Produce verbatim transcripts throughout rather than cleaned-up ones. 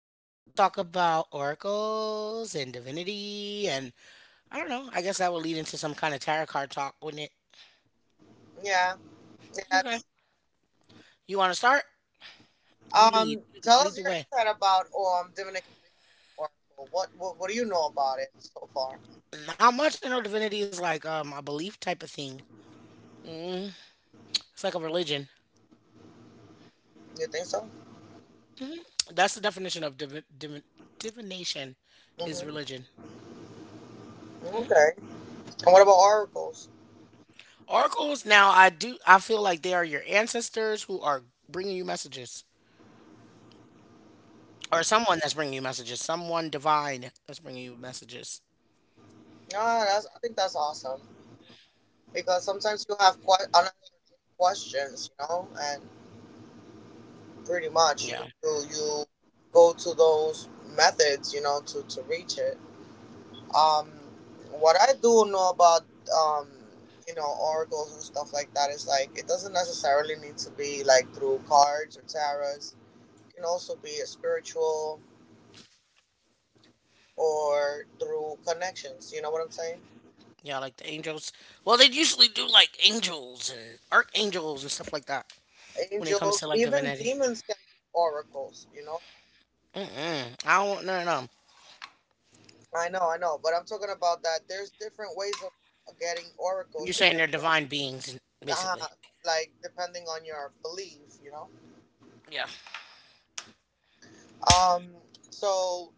we are Hey, going to talk about oracles and divinity. And I don't know, I guess that will lead into some kind of tarot card talk, wouldn't it? yeah, yes. Okay. You want to start? You lead. Um, You Tell us lead the your way. insight about um Dominican Oracle. What, what what do you know about it so far? Not much. I know divinity is like um, a belief type of thing, mm, it's like a religion. You think so? That's the definition of divi- divi- divination is Mm hmm. religion. Okay. And what about oracles? Oracles, now I do, I feel like they are your ancestors who are bringing you messages, or someone that's bringing you messages, someone divine that's bringing you messages. Ah, that's I think that's awesome because sometimes you have quite unanswered questions, you know, and pretty much you Yeah, you, you go to those methods, you know, to to reach it. Um, what I do know about um, you know, oracles and stuff like that is like it doesn't necessarily need to be like through cards or tarots. It can also be a spiritual or through connections. You know what I'm saying? yeah, like the angels. Well, they usually do like angels and archangels and stuff like that when it comes to Angels, like even divinity. demons can be oracles. You know? Mm-mm. I don't want no, no. I know, I know, but I'm talking about that. There's different ways of getting oracles You're saying they're depending on divine beings, uh, basically. like depending on your belief. You know. Yeah. Um. So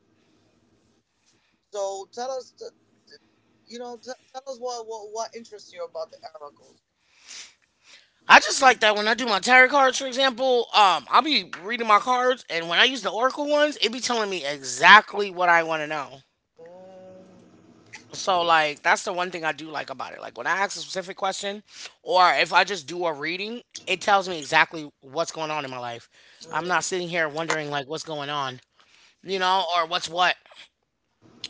So tell us, the, the- you know, t- tell us what, what what interests you about the oracles. I just like that when I do my tarot cards, for example, um, I'll be reading my cards, and when I use the oracle ones, it be telling me exactly what I want to know. Mm, So like that's the one thing I do like about it. Like when I ask a specific question or if I just do a reading, it tells me exactly what's going on in my life. I'm mm, not sitting here wondering like what's going on, you know, or what's what.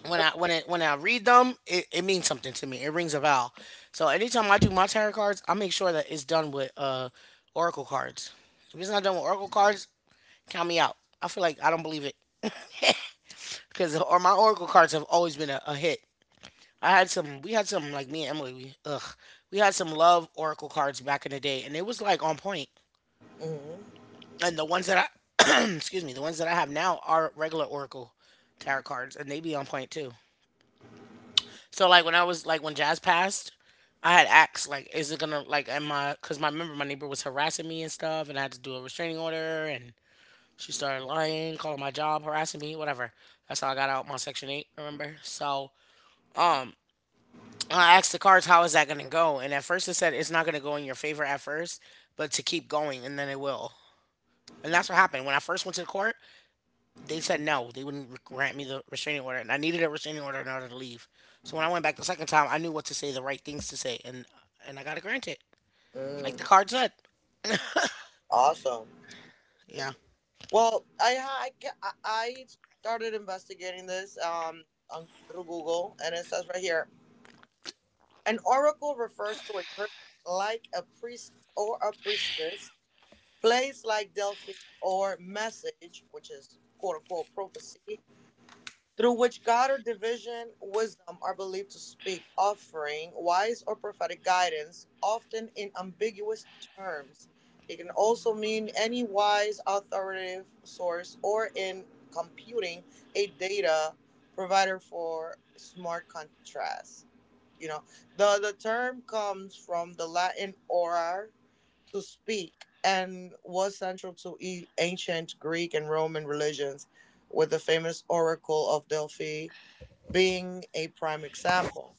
When I when it when I read them, it, it means something to me. It rings a bell. So anytime I do my tarot cards, I make sure that it's done with uh oracle cards. If it's not done with oracle cards, count me out. I feel like I don't believe it because or my oracle cards have always been a, a hit. I had some. We had some like me and Emily. We, ugh, we had some love oracle cards back in the day, and it was like on point. mm, And the ones that I, excuse me, the ones that I have now are regular oracle tarot cards, and they be on point too. So like when I was like when Jazz passed, I had asked like, is it gonna like am I? Because my remember my neighbor was harassing me and stuff, and I had to do a restraining order, and she started lying, calling my job, harassing me, whatever. That's how I got out my Section Eight. Remember? So um, I asked the cards, how is that going to go? And at first it said it's not going to go in your favor at first, but to keep going and then it will. And that's what happened. When I first went to the court, they said no, they wouldn't grant me the restraining order. And I needed a restraining order in order to leave. So when I went back the second time, I knew what to say, the right things to say. And, and I got to grant it, like the mm. card said. Awesome. Yeah. Well, I ha- I ca- I I started investigating this um on, through Google, and it says right here, an oracle refers to a person like a priest or a priestess, place like Delphi or message, which is quote unquote prophecy, through which God or division, wisdom are believed to speak, offering wise or prophetic guidance, often in ambiguous terms. It can also mean any wise, authoritative source or in computing a data provider for smart contrast. You know, the the term comes from the Latin orar, to speak, and was central to e- ancient Greek and Roman religions, with the famous Oracle of Delphi being a prime example.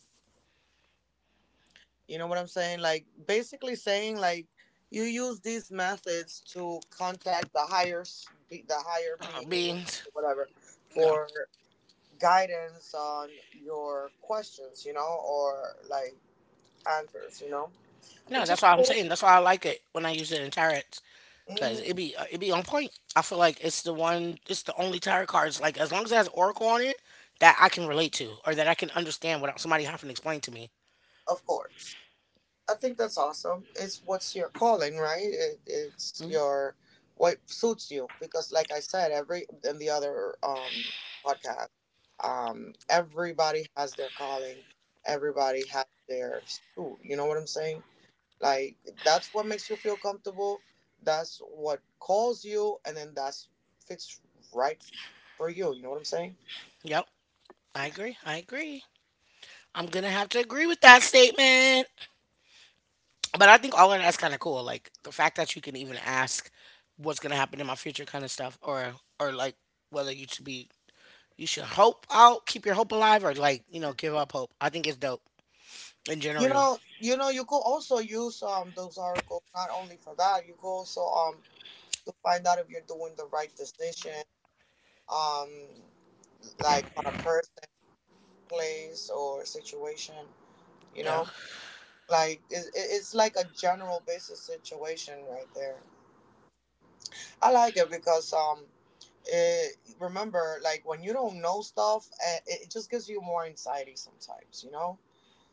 You know what I'm saying? Like basically saying like you use these methods to contact the higher s- be- the higher Uh, being Beans. or whatever Yeah. for guidance on your questions, you know, or like answers, you know. No, Which is that's why I'm saying. cool. That's why I like it when I use it in tarot. Cause Hmm. it be uh, it be on point. I feel like it's the one, it's the only tarot cards. Like as long as it has Oracle on it, that I can relate to, or that I can understand without somebody having to explain to me. Of course, I think that's awesome. It's what's your calling, right? It, it's Mhm. your what suits you because, like I said, every in the other um podcast, um, everybody has their calling. Everybody has their suit. You know what I'm saying? Like that's what makes you feel comfortable. That's what calls you, and then that's fits right for you. You know what I'm saying? Yep, I agree. I agree. I'm gonna have to agree with that statement. But I think all of that's kind of cool. Like the fact that you can even ask what's gonna happen in my future, kind of stuff, or or like whether you should be you should hope out, keep your hope alive, or like you know give up hope. I think it's dope in You general. know, you know, you could also use um those articles not only for that. You could also um to find out if you're doing the right decision, um, like on a person, place, or situation. You Yeah, know, like it, it- it's like a general basis situation right there. I like it because um, it, remember, like when you don't know stuff, eh, it, it just gives you more anxiety sometimes. You know,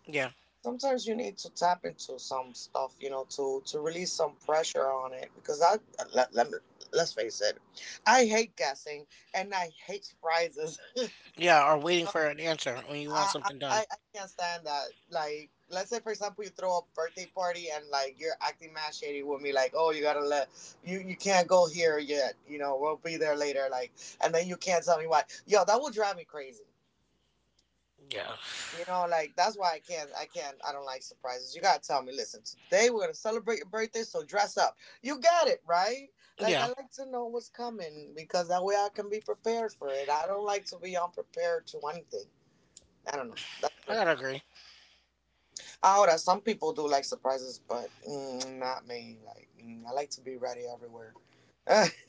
yeah. sometimes you need to tap into some stuff, you know, to to release some pressure on it because I let, let me, let's face it, I hate guessing and I hate surprises. You Yeah, or waiting know, for an answer when you want I, I something done. I I can't stand that. Like, let's say for example, you throw a birthday party and like you're acting mad shady with me, like, oh, you gotta let you you can't go here yet. You know, we'll be there later. Like, and then you can't tell me why. Yo, that will drive me crazy. Yeah. You know, like that's why I can't, I can't, I don't like surprises. You gotta tell me, listen, today we're gonna celebrate your birthday, so dress up. You got it, right? Like I Yeah, like to know what's coming because that way I can be prepared for it. I don't like to be unprepared to anything. I don't know. That's the I thing. gotta agree. Ahora, some people do like surprises, but mm, not me. Like mm, I like to be ready everywhere.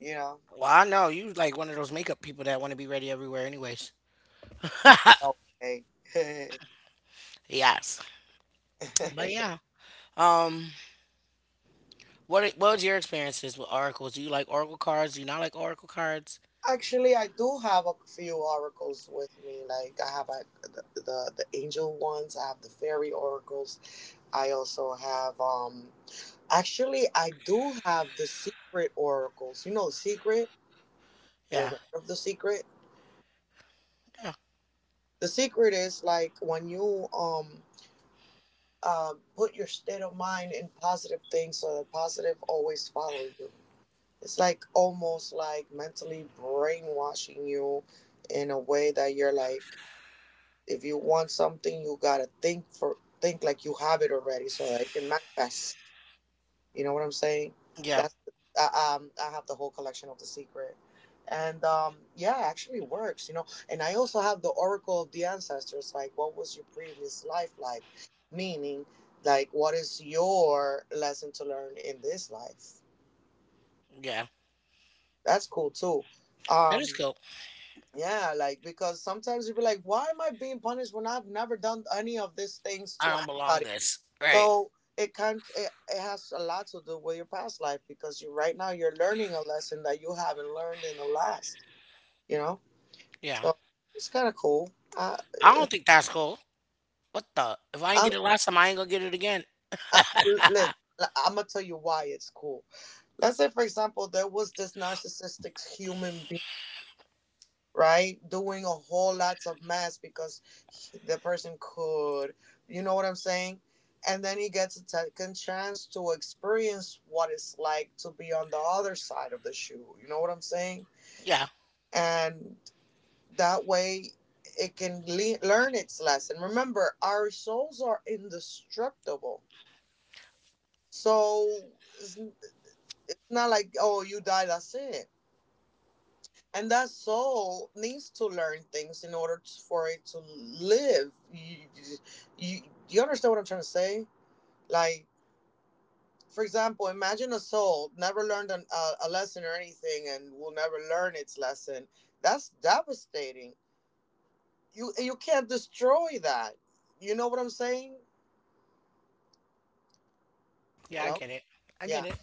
You know. Well, I know you like one of those makeup people that want to be ready everywhere, anyways. Okay. Yes, but yeah. Um, what i- what was your experiences with oracles? Do you like oracle cards? Do you not like oracle cards? Actually, I do have a few oracles with me. Like I have like the, the the angel ones. I have the fairy oracles. I also have um. Actually, I do have the secret oracles. You know, the secret. Have you Yeah, ever heard of the secret? yeah, The secret is like when you um uh put your state of mind in positive things, so that positive always follow you. It's like almost like mentally brainwashing you in a way that you're like if you want something, you gotta think for think like you have it already, so that it can manifest. You know what I'm saying? yeah, That's uh, um, I have the whole collection of The Secret, and um, yeah, it actually works. You know, and I also have the Oracle of the Ancestors. Like, what was your previous life like? Meaning, like, what is your lesson to learn in this life? yeah. That's cool too. That is Um, cool. yeah, like because sometimes you be like, why am I being punished when I've never done any of these things I to don't belong anybody? this. Right. So it can it, it has a lot to do with your past life because you right now you're learning a lesson that you haven't learned in the last. You know, Yeah. so it's kind of cool. I, I don't think that's cool. What the? If I ain't I, get it last time, I ain't gonna get it again. I listen. I'm gonna tell you why it's cool. Let's say, for example, there was this narcissistic human being, right? Doing a whole lots of math because he- the person could, you know what I'm saying? And then he gets a second chance to experience what it's like to be on the other side of the shoe, you know what I'm saying? yeah. And that way it can le- learn its lesson. Remember, our souls are indestructible. So it's, it's not like, oh, you die, that's it and that soul needs to learn things in order t for it to live. you, you you understand what I'm trying to say, like for example, imagine a soul never learned an, a, a lesson or anything and will never learn its lesson. That's devastating. You you can't destroy that. You know what I'm saying? Yeah, I Hello. get it. I Yeah. get it.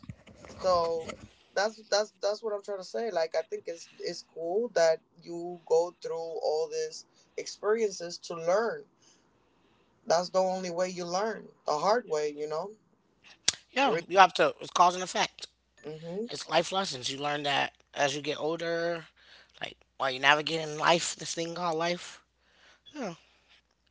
So that's that's that's what I'm trying to say. Like I think it's it's cool that you go through all these experiences to learn. That's the only way you learn the hard way, you know. Yeah, you have to. It's cause and effect. Mm-hmm. It's life lessons. You learn that as you get older, like while you're navigating life, this thing called life. Yeah.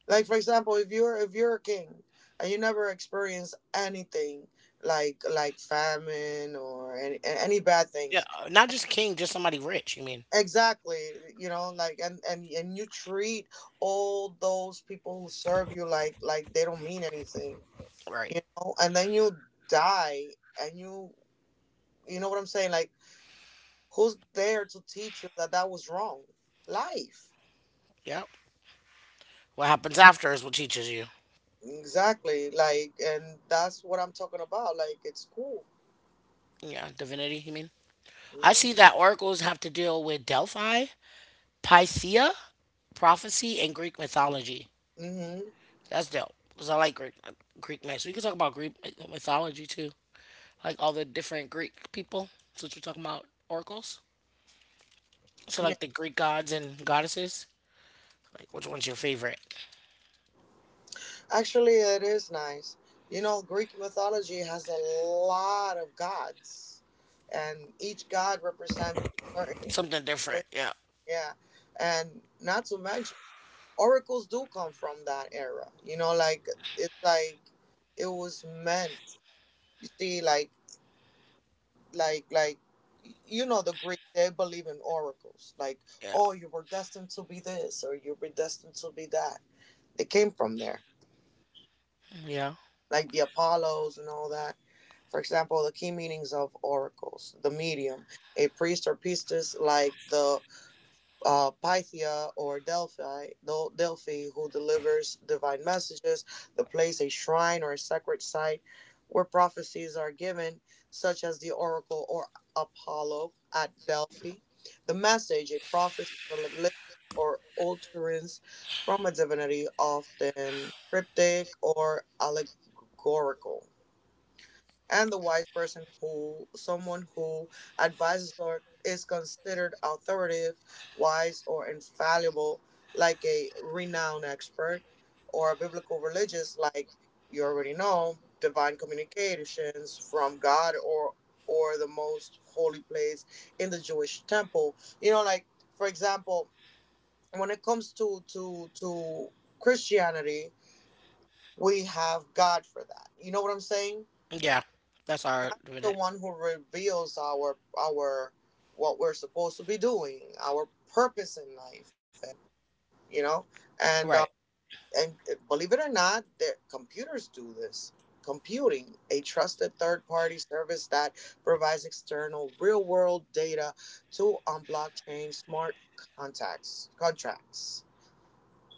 Like for example, if you're if you're a king and you never experience anything like like famine or any any bad Yeah. things, uh, Not just king, just somebody rich, you mean. exactly, you know, like and and and you treat all those people who serve you like like they don't mean anything, Right. you know, and then you die and you you know what I'm saying, like who's there to teach you that that was wrong? Life. Yep. What happens after is what teaches you. Exactly. Like, and that's what I'm talking about. Like, it's cool. Yeah, divinity, you mean? I see that oracles have to deal with Delphi, Pythia, prophecy, and Greek mythology. Mm-hmm. That's dope. Because I like Greek uh, Greek myths. We can talk about Greek myth- mythology too. Like all the different Greek people. That's what you're talking about, oracles. So Yeah. like the Greek gods and goddesses. Like, which one's your favorite? Actually, it is nice. You know, Greek mythology has a lot of gods, and each god represents a certain. Something Way. different. Yeah. Yeah, and not to mention, oracles do come from that era. You know, like it's like it was meant. You see, like like like you know the greek they believe in oracles, like Yeah. oh you were destined to be this or you were destined to be that. They came from there, Yeah. like the apollos and all that. For example, the key meanings of oracles: the medium, a priest or priestess like the uh, Pythia or Delphi, Del- Delphi, who delivers divine messages; the place, a shrine or a sacred site where prophecies are given, such as the oracle or Apollo at Delphi. The message, a prophecy, revelation, or utterance from a divinity, often cryptic or allegorical, and the wise person who someone who advises or is considered authoritative, wise, or infallible, like a renowned expert, or a biblical religious, like you already know, divine communications from God or or the most holy place in the Jewish temple. You know, like for example, when it comes to to to Christianity, we have God for that. You know what I'm saying? Yeah. That's our The minute. one who reveals our our what we're supposed to be doing, our purpose in life, and you know, Right. and uh, and eh, believe it or not, the computers do this. Computing, a trusted third-party service that provides external real-world data to on blockchain smart contacts contracts.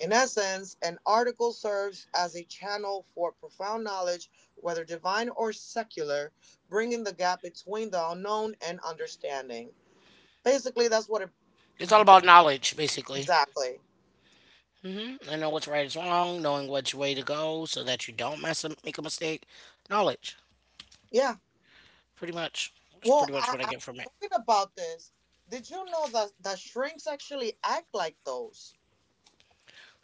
In essence, an article serves as a channel for profound knowledge, whether divine or secular, bringing the gap between the unknown and understanding. Basically, that's what it It's all about knowledge, basically. exactly. hmm I know what's right is wrong, knowing which way to go so that you don't mess up, make a mistake. Knowledge, Yeah. pretty much. That's Well, pretty much I, what I I get from it. talking about this. Did you know that that shrinks actually act like those?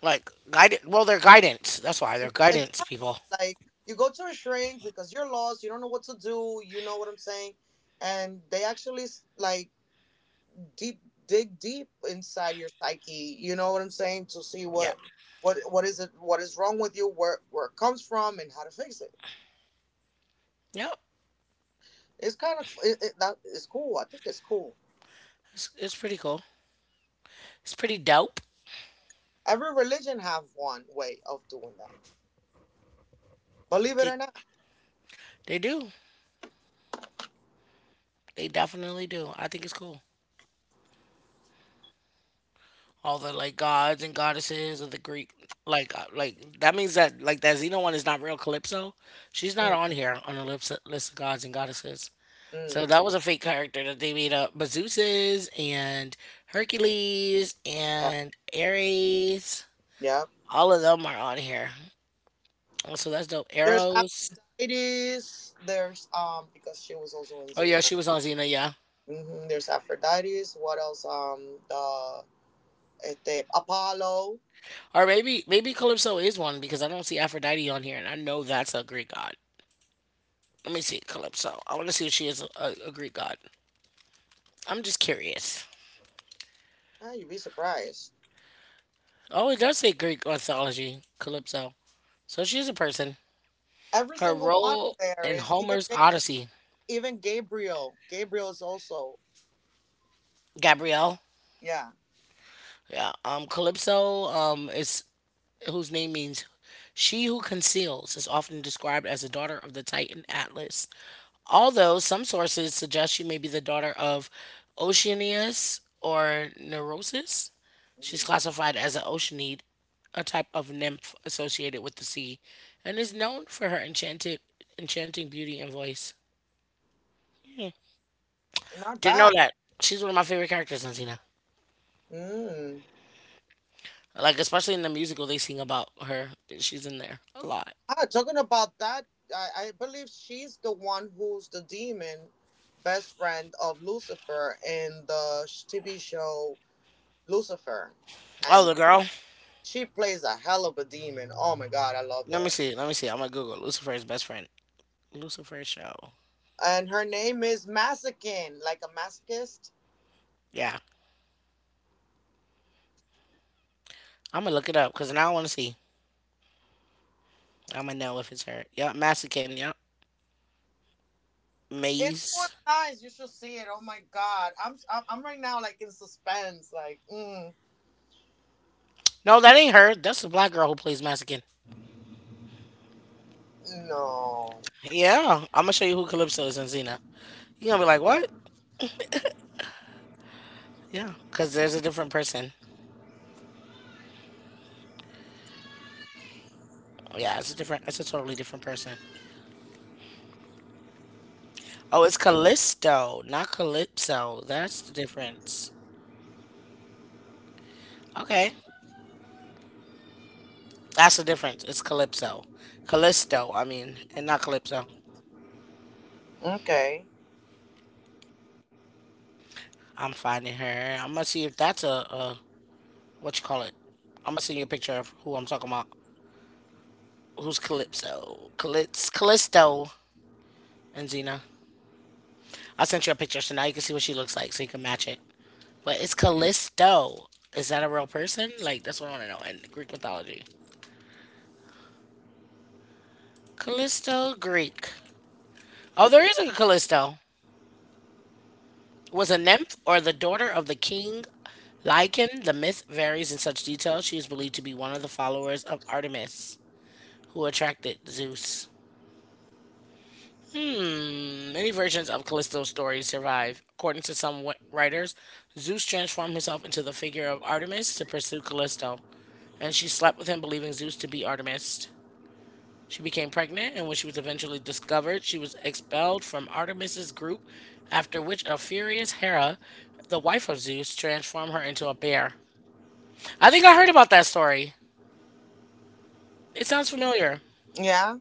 Like, guidance. Well, they're guidance. That's why they're guidance Exactly. people. Like you go to a shrink because you're lost, you don't know what to do. You know what I'm saying? And they actually s- like deep dig deep inside your psyche, you know what I'm saying to see Yeah. what what what is it what is wrong with you, where where it comes from and how to fix it. Yep. It's kind of it, it, that is cool. I think it's cool. It's, it's pretty cool. It's pretty dope. Every religion have one way of doing that, believe it They, or not. they do. They definitely do. I think it's cool. All the like gods and goddesses of the Greek. Like, uh, like that means that like that Xena one is not real Calypso. She's not mm, on here on the lips, list of gods and goddesses. mm, So that was a fake character that they made up. But Zeus is and Hercules yeah, and Ares, yeah. all of them are on here. Oh, so that's dope. There's Arrows. aphrodites. There's um because she was also in Oh yeah, Xena. she was on Xena. Yeah, hmm There's aphrodites. What else? Um the este, apollo. or maybe maybe Calypso is one because I don't see Aphrodite on here, and I know that's a Greek god. Let me see Calypso. I want to see if she is a, a, a Greek god. I'm just curious. Ah, you'd be surprised. Oh, it does say Greek mythology, Calypso. So she is a person. Every Her single one in role there in is even Homer's Ga- Odyssey, even Gabriel. Gabriel is also, Gabrielle. yeah. Yeah. Um, Calypso. Um, is whose name means she who conceals is often described as the daughter of the Titan Atlas, although some sources suggest she may be the daughter of Oceanias or Neurosis. She's hmm classified as an Oceanid, a type of nymph associated with the sea, and is known for her enchanted, enchanting beauty and voice. Not Didn't know bad. that. She's one of my favorite characters in Xena. Mm. Like, especially in the musical, they sing about her. She's in there a lot. Ah, talking about that, I, I believe she's the one who's the demon best friend of Lucifer in the sh- T V show Lucifer, Oh, and the girl. she plays a hell of a demon. Oh my God, I loved Let me her. see. Let me see. I'm gonna Google Lucifer's best friend. Lucifer's show. And her name is Masokin, like a masochist. Yeah, I'm gonna look it up because now I want to see. I'ma know if it's her. Yep, Massican. Yep, It was Maze. nice. You should see it. Oh my God, I'm I'm, I'm right now like in suspense. Like, mm, No, that ain't her. That's the black girl who plays Massican. no, Yeah, I'm gonna show you who Calypso is in Xena. You're gonna be like, what? Yeah, because there's a different person. Yeah, it's a different, it's a totally different person. Oh, it's Callisto, not Calypso. That's the difference. Okay, that's the difference. It's Calypso. Callisto, I mean, and not Calypso. okay, I'm finding her. I'm gonna see if that's a, a what you call it. I'm gonna send you a picture of who I'm talking about. Who's Calypso, Calyx, Callisto, and Xena. I sent you a picture, so now you can see what she looks like, so you can match it. But it's Callisto. Is that a real person? Like that's what I want to know in Greek mythology. Callisto, Greek. Oh, there is a Callisto. Was a nymph or the daughter of the king Lycan. The myth varies in such detail. She is believed to be one of the followers of Artemis, who attracted Zeus. Hmm, many versions of Callisto's story survive. According to some wi- writers, Zeus transformed himself into the figure of Artemis to pursue Callisto, and she slept with him, believing Zeus to be Artemis. She became pregnant, and when she was eventually discovered, she was expelled from Artemis's group, after which a furious Hera, the wife of Zeus, transformed her into a bear. I think I heard about that story. It sounds familiar. yeah.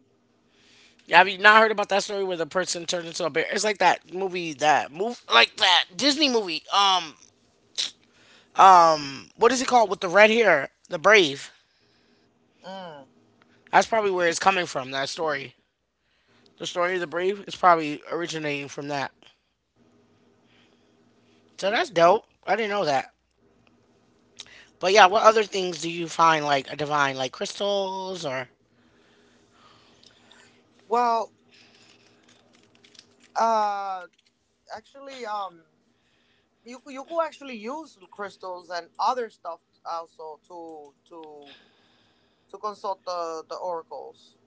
Have you not heard about that story where the person turned into a bear? It's like that movie, that move, like that Disney movie. Um, what is it called with the red hair, the Brave? Mm. That's probably where it's coming from. That story, the story of the Brave, is probably originating from that. So that's dope. I didn't know that. But yeah, what other things do you find like divine, like crystals or? Well, uh, actually, um, you you could actually use crystals and other stuff also to to to consult the the oracles.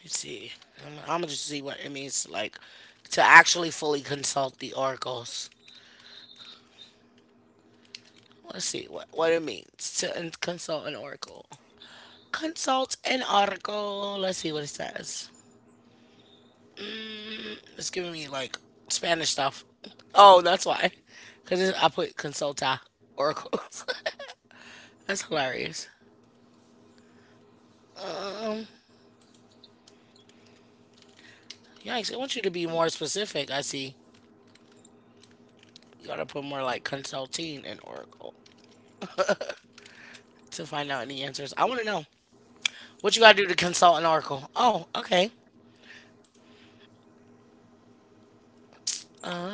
Let's see. I'm, I'm gonna just see what it means, like to actually fully consult the oracles. Let's see what what it means to in- consult an oracle. Consult an article. Let's see what it says. It's giving me like Spanish stuff. Oh, that's why. Because I put consulta oracles. That's hilarious. Yikes. I want you to be more specific. I see. You got to put more like consulting and oracle to find out any answers. I want to know what you got to do to consult an oracle. Oh, okay.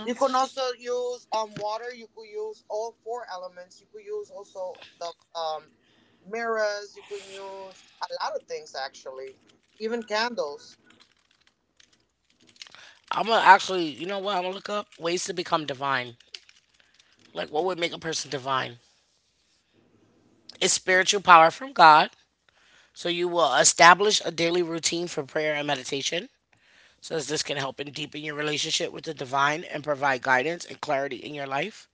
You can also use um water. You could use all four elements. You could use also the um mirrors. You can use a lot of things actually, even candles. I'm going to actually, you know what? I'm going to look up ways to become divine. Like, what would make a person divine? Is spiritual power from God. So you will establish a daily routine for prayer and meditation, since this can help in deepen your relationship with the divine and provide guidance and clarity in your life.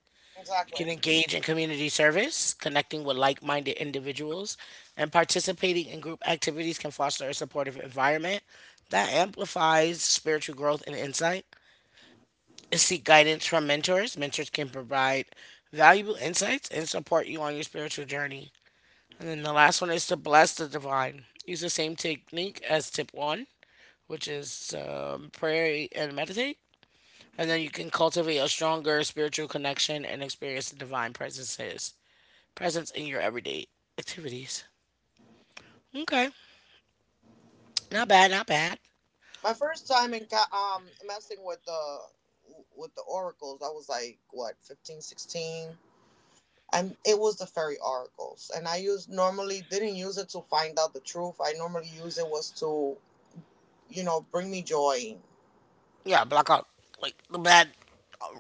You Exactly. can engage in community service, connecting with like minded individuals, and participating in group activities can foster a supportive environment that amplifies spiritual growth and insight. Seek guidance from mentors. Mentors can provide valuable insights and support you on your spiritual journey. And then the last one is to bless the divine. Use the same technique as tip one, which is um, pray and meditate. And then you can cultivate a stronger spiritual connection and experience the divine presences presence in your everyday activities. Okay, not bad, not bad. My first time in ca- um messing with the with the oracles, I was like what, fifteen, sixteen, and it was the fairy oracles. And I used normally didn't use it to find out the truth. I normally use it was to, you know, bring me joy, Yeah, block out like the bad,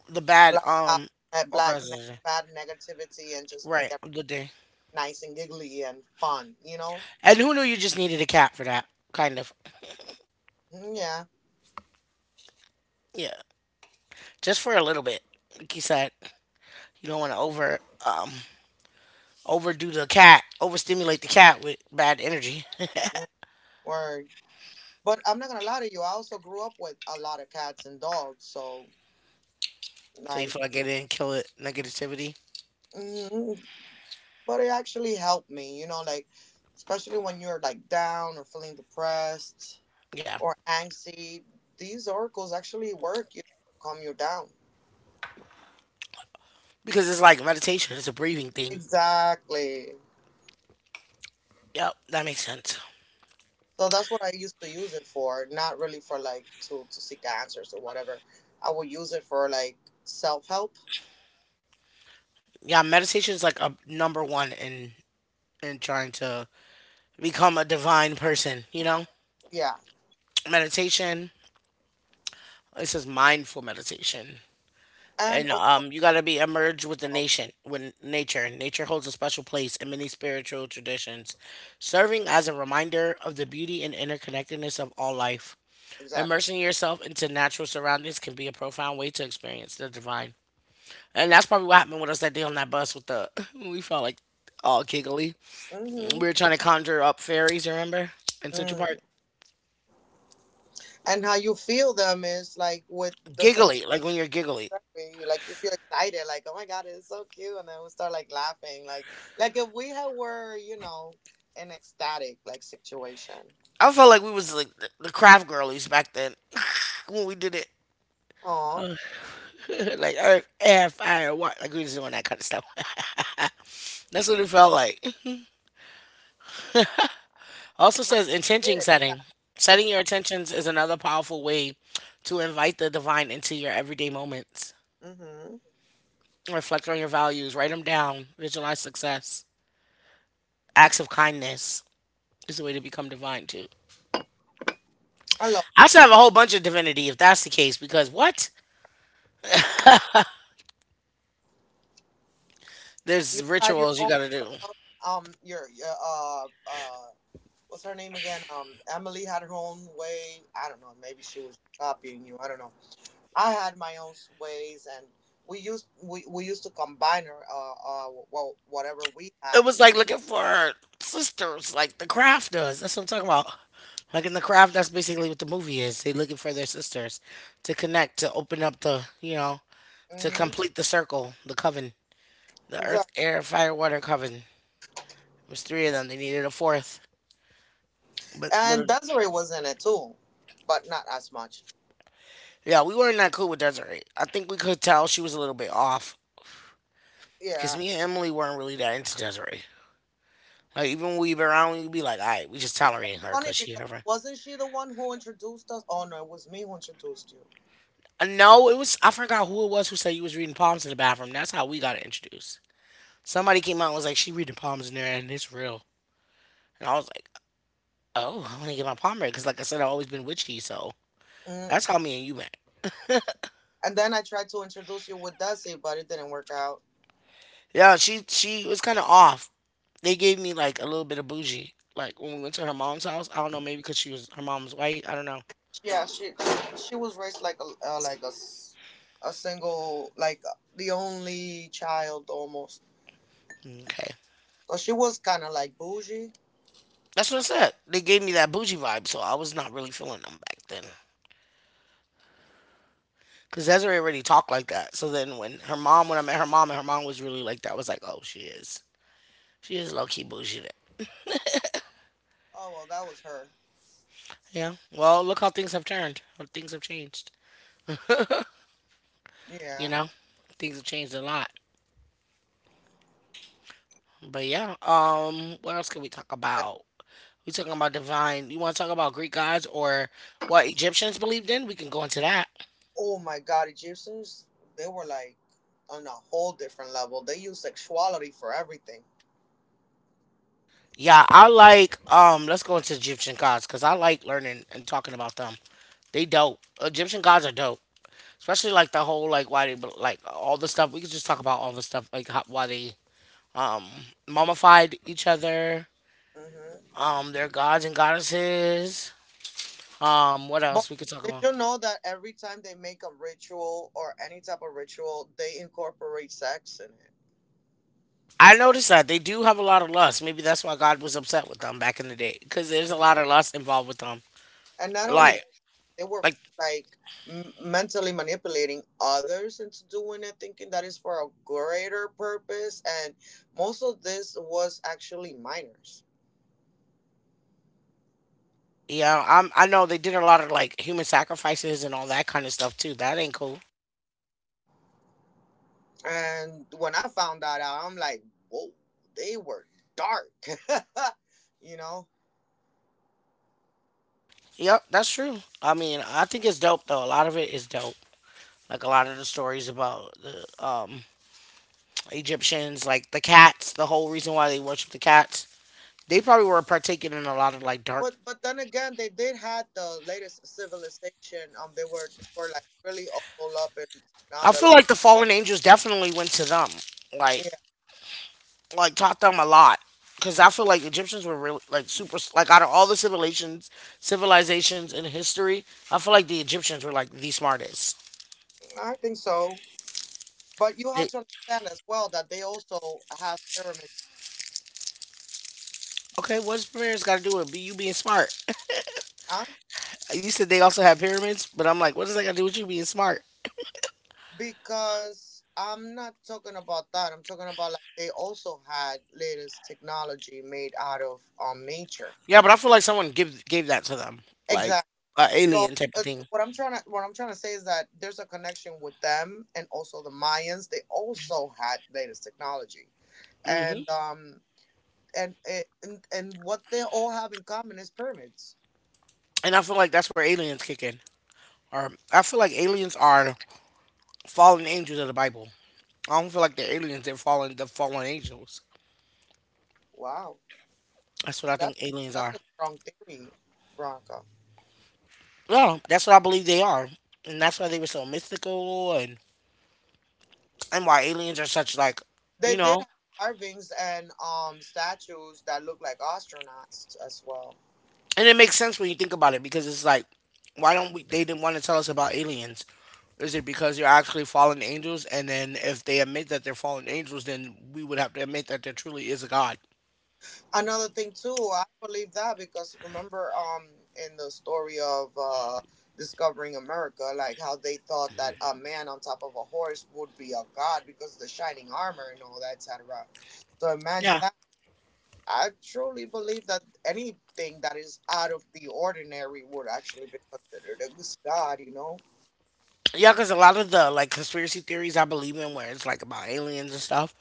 the bad black out um that black auras. ne- bad negativity and just make Right, it of the day. nice and giggly and fun, you know? And who knew you just needed a cat for that? Kind of. Mm. Yeah. Yeah, just for a little bit. Like you said, you don't want to over um overdo the cat, overstimulate the cat with bad energy. Mm. Word. But I'm not gonna lie to you, I also grew up with a lot of cats and dogs, so So you like, feel like it didn't kill it, negativity. mm, but it actually helped me, you know, like especially when you're like down or feeling depressed Yeah. or angsty, these oracles actually work, you know, calm you down. Because it's like meditation, it's a breathing thing. Exactly. Yep, that makes sense. So that's what I used to use it for, not really for like to, to seek answers or whatever. I would use it for like self help. Yeah, meditation is like a number one in in trying to become a divine person, you know? Yeah. Meditation, it says mindful meditation. And And also um, you gotta be emerged with the help. nation, with nature. Nature holds a special place in many spiritual traditions, serving as a reminder of the beauty and interconnectedness of all life. Exactly. Immersing yourself into natural surroundings can be a profound way to experience the divine. And that's probably what happened with us that day on that bus with the. We felt like all giggly. We hmm were trying to conjure up fairies, you remember? In Central Park. Mm. And how you feel them is like with the same Giggly, like when you're giggly. therapy, like you feel excited, like, oh my God, it's so cute. And then we start like laughing. Like like if we had were, you know, an ecstatic like situation. I felt like we was like the, the craft girlies back then when we did it. Oh. Like earth, air, fire, water. Like we was doing that kind of stuff. That's what it felt like. Also says intention Good. Yeah. setting. It Setting your felt intentions is another powerful way to invite the divine into your everyday moments. mm-hmm. Reflect on your values, write them down, visualize success. Acts of kindness is a way to become divine too. I love I should have a whole bunch of divinity if that's the case, because what? you There's had your rituals you own gotta do. um your your uh uh what's her name again? Um Emily had her own way. I don't know, maybe she was copying you. I don't know. I had my own s- ways, and we used we, we used to combine her uh uh well, whatever we had. It was like looking for sisters, like the craft does. That's what I'm talking about. Like in the craft, that's basically what the movie is. They're looking for their sisters to connect, to open up the, you know, to Mhm. complete the circle, the coven, the earth, Exactly. air, fire, water coven. It was three of them. They needed a fourth. But And literally, Desiree was in it too, but not as much. yeah, we weren't that cool with Desiree. I think we could tell she was a little bit off because Yeah. me and Emily weren't really that into Desiree. Like even when we would be around, we would be like, "All right, we just It was kind tolerating her of funny because she because her friend." wasn't she the one who introduced us? Oh no, it was me who introduced you. Uh, no, it was I forgot who it was who said you was reading palms in the bathroom. That's how we got introduced. Somebody came out and was like, "She reading palms in there, and it's real." And I was like, "Oh, I want to get my palm read because, like I said, I've always been witchy." So Mm. that's how me and you met. And then I tried to introduce you with Desi, but it didn't work out. Yeah, she she was kind of off. They gave me like a little bit of bougie. Like when we went to her mom's house, I don't know, maybe because she was her mom's white. I don't know. Yeah, she she was raised like a uh, like a s- a single like, uh, the only child almost. Okay, So she was kind of like bougie. that's what I said. They gave me that bougie vibe, so I was not really feeling them back then. Cause Desiree already talked like that. So then when her mom, when I met her mom, and her mom was really like that, I was like, oh, she is, she is low key bougie. Then. Oh well, that was her. Yeah. Well, look how things have turned. How things have changed. You Yeah. know, things have changed a lot. But yeah. Um, what else can we talk about? We talking about divine. You want to talk about Greek gods or what Egyptians believed in? We can go into that. Oh my God, Egyptians, they were like on a whole different level. They use sexuality for everything. Yeah, I like um let's go into Egyptian gods cuz I like learning and talking about them. They dope. Egyptian gods are dope. Especially like the whole like why they like all the stuff. We could just talk about all the stuff like how, why they um mummified each other, hmm um their gods and goddesses. Um what else But we could talk did about? you know that every time they make a ritual or any type of ritual, they incorporate sex in it? I noticed that they do have a lot of lust. Maybe that's why God was upset with them back in the day, because there's a Mhm. lot of lust involved with them. And not only Like, that, they were like, f- like m- mentally manipulating others into doing it, thinking that is for a greater purpose. And most of this was actually minors. yeah, I'm. I know they did a lot of like human sacrifices and all that kind of stuff too. That ain't cool. And when I found that out, I'm like, whoa, they were dark. You know? Yep, that's true. I mean, I think it's dope though. A lot of it is dope. Like a lot of the stories about the um Egyptians, like the cats. The whole reason why they worship the cats. They probably were partaking in a lot of like dark. But but then again, they did had the latest civilization. Um, they were they were like really all up in I feel technology. like the fallen angels definitely went to them. Like Yeah, like taught them a lot because I feel like Egyptians were really like super like out of all the civilizations civilizations in history, I feel like the Egyptians were like the smartest. I think so. But you They, have to understand as well that they also have pyramids, okay, what's pyramids got to do with you being smart? huh? You said they also had pyramids, but I'm like, what does that got to do with you being smart? Because I'm not talking about that. I'm talking about like they also had latest technology made out of um nature. Yeah, but I feel like someone give gave that to them, like Exactly. an alien So type of uh, thing. what I'm trying to what I'm trying to say is that there's a connection with them and also the Mayans. They also had latest technology, Hmm. and um and it- and and what they all have in common is pyramids. And I feel like that's where aliens kick in. Or I feel like aliens are fallen angels of the Bible. I don't feel like they're aliens; they're fallen the fallen angels. Wow, That's what I that's think aliens that's are. a strong theory, Veronica. No, that's what I believe they are, and that's why they were so mystical, and and why aliens are such like, you They did know, have carvings and um statues that look like astronauts as well. and it makes sense when you think about it because it's like, why don't we? They didn't want to tell us about aliens. Is it because they're actually fallen angels, and then if they admit that they're fallen angels, then we would have to admit that there truly is a god. Another thing too, I believe that because, remember, um in the story of uh discovering America, like how they thought that a man on top of a horse would be a god because of the shining armor and all that, et cetera. So imagine Yeah. that. I truly believe that anything that is out of the ordinary would actually be considered a god, you know. Yeah, because a lot of the like conspiracy theories I believe in, where it's like about aliens and stuff,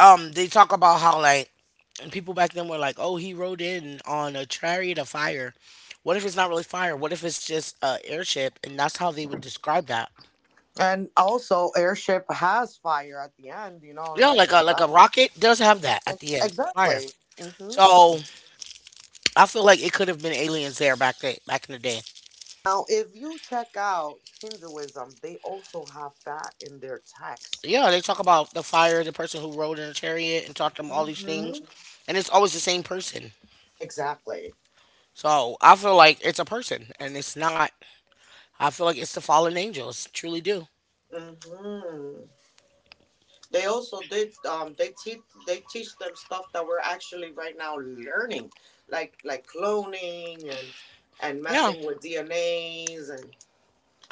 um they talk about how like people back then were like, "Oh, he rode in on a chariot of fire." What if it's not really fire? What if it's just a airship? And that's how they would describe that. And also, airship has fire at the end, you know, Yeah, like like in a the like a back. rocket does have that And- at the end, fire. Exactly. hmm So I feel like it could have been aliens there back then, back in the day. Now, if you check out Hinduism, they also have that in their text. Yeah, they talk about the fire, the person who rode in a chariot, and taught them all these things, hmm and it's always the same person. Exactly. So I feel like it's a person, and it's not. I feel like it's the fallen angels. Truly do. hmm They also did. Um, they teach they teach them stuff that we're actually right now learning, like like cloning and and Yeah. messing with D N As and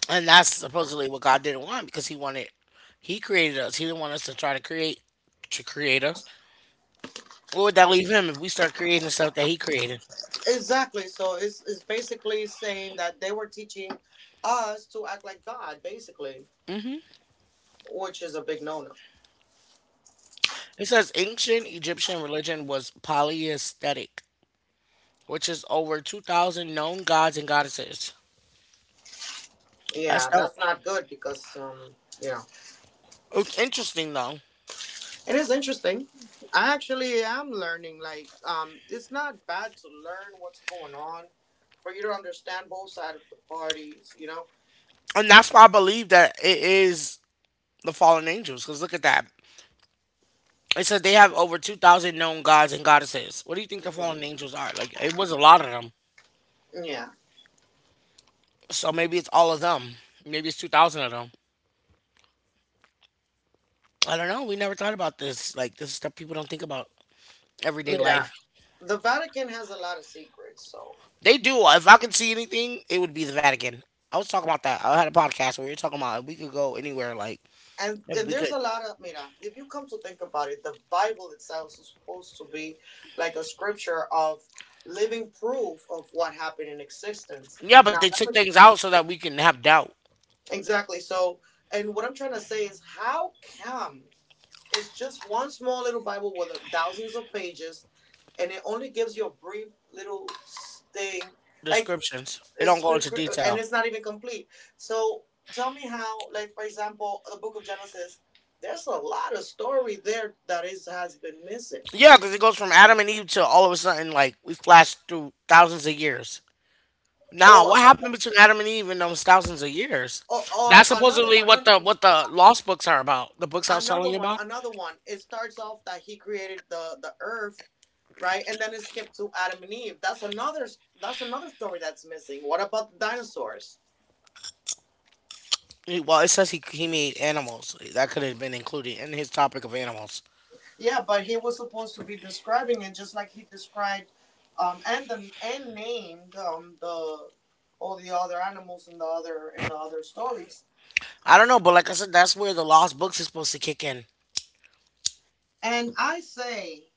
And that's supposedly what God didn't want because he wanted he created us. He didn't want us to try to create to create us. Where would that leave him if we start creating stuff that he created? exactly. So it's it's basically saying that they were teaching us to act like God, basically, Hmm. which is a big no no. It says ancient Egyptian religion was polytheistic, which is over two thousand known gods and goddesses. That's Yeah, dope. that's not good because um yeah, It's interesting though. it is interesting. I actually am learning. Like, um, it's not bad to learn what's going on, for you to understand both sides of the parties. You know. And that's why I believe that it is the fallen angels because look at that. It says they have over two thousand known gods and goddesses. What do you think the fallen Mhm. angels are? Like, it was a lot of them. Yeah. So maybe it's all of them. Maybe it's two thousand of them. I don't know. We never thought about this. Like, this is stuff people don't think about everyday life. Mira, the Vatican has a lot of secrets, so They do. If I could see anything, it would be the Vatican. I was talking about that. I had a podcast where we were talking about if we could go anywhere, like, and if and we there's a could. lot of mira, if you come to think about it, the Bible itself is supposed to be like a scripture of living proof of what happened in existence. Yeah, but Now, they let took me- things out so that we can have doubt exactly. So, and what I'm trying to say is how come it's just one small little Bible with a- thousands of pages and it only gives you a brief little s- thing. Like descriptions. It It's don't go script- into and detail. it's not even complete. So tell me how, like for example, the Book of Genesis. There's a lot of story there that is has been missing. Yeah, because it goes from Adam and Eve to all of a sudden, like, we flash through thousands of years. Now, Or, what happened between Adam and Eve in those thousands of years? or, or That's another supposedly one, what no, the what the lost books are about. The books I was telling another you one, about. another one. It starts off that he created the the earth, right, and then it skipped to Adam and Eve. That's another. That's another story that's missing. What about the dinosaurs? He- Well, it says he he made animals. That could have been included in his topic of animals. Yeah, but he was supposed to be describing it just like he described, um, and the and named um the all the other animals in the other in the other stories. I don't know, but like I said, that's where the lost books is supposed to kick in. And I say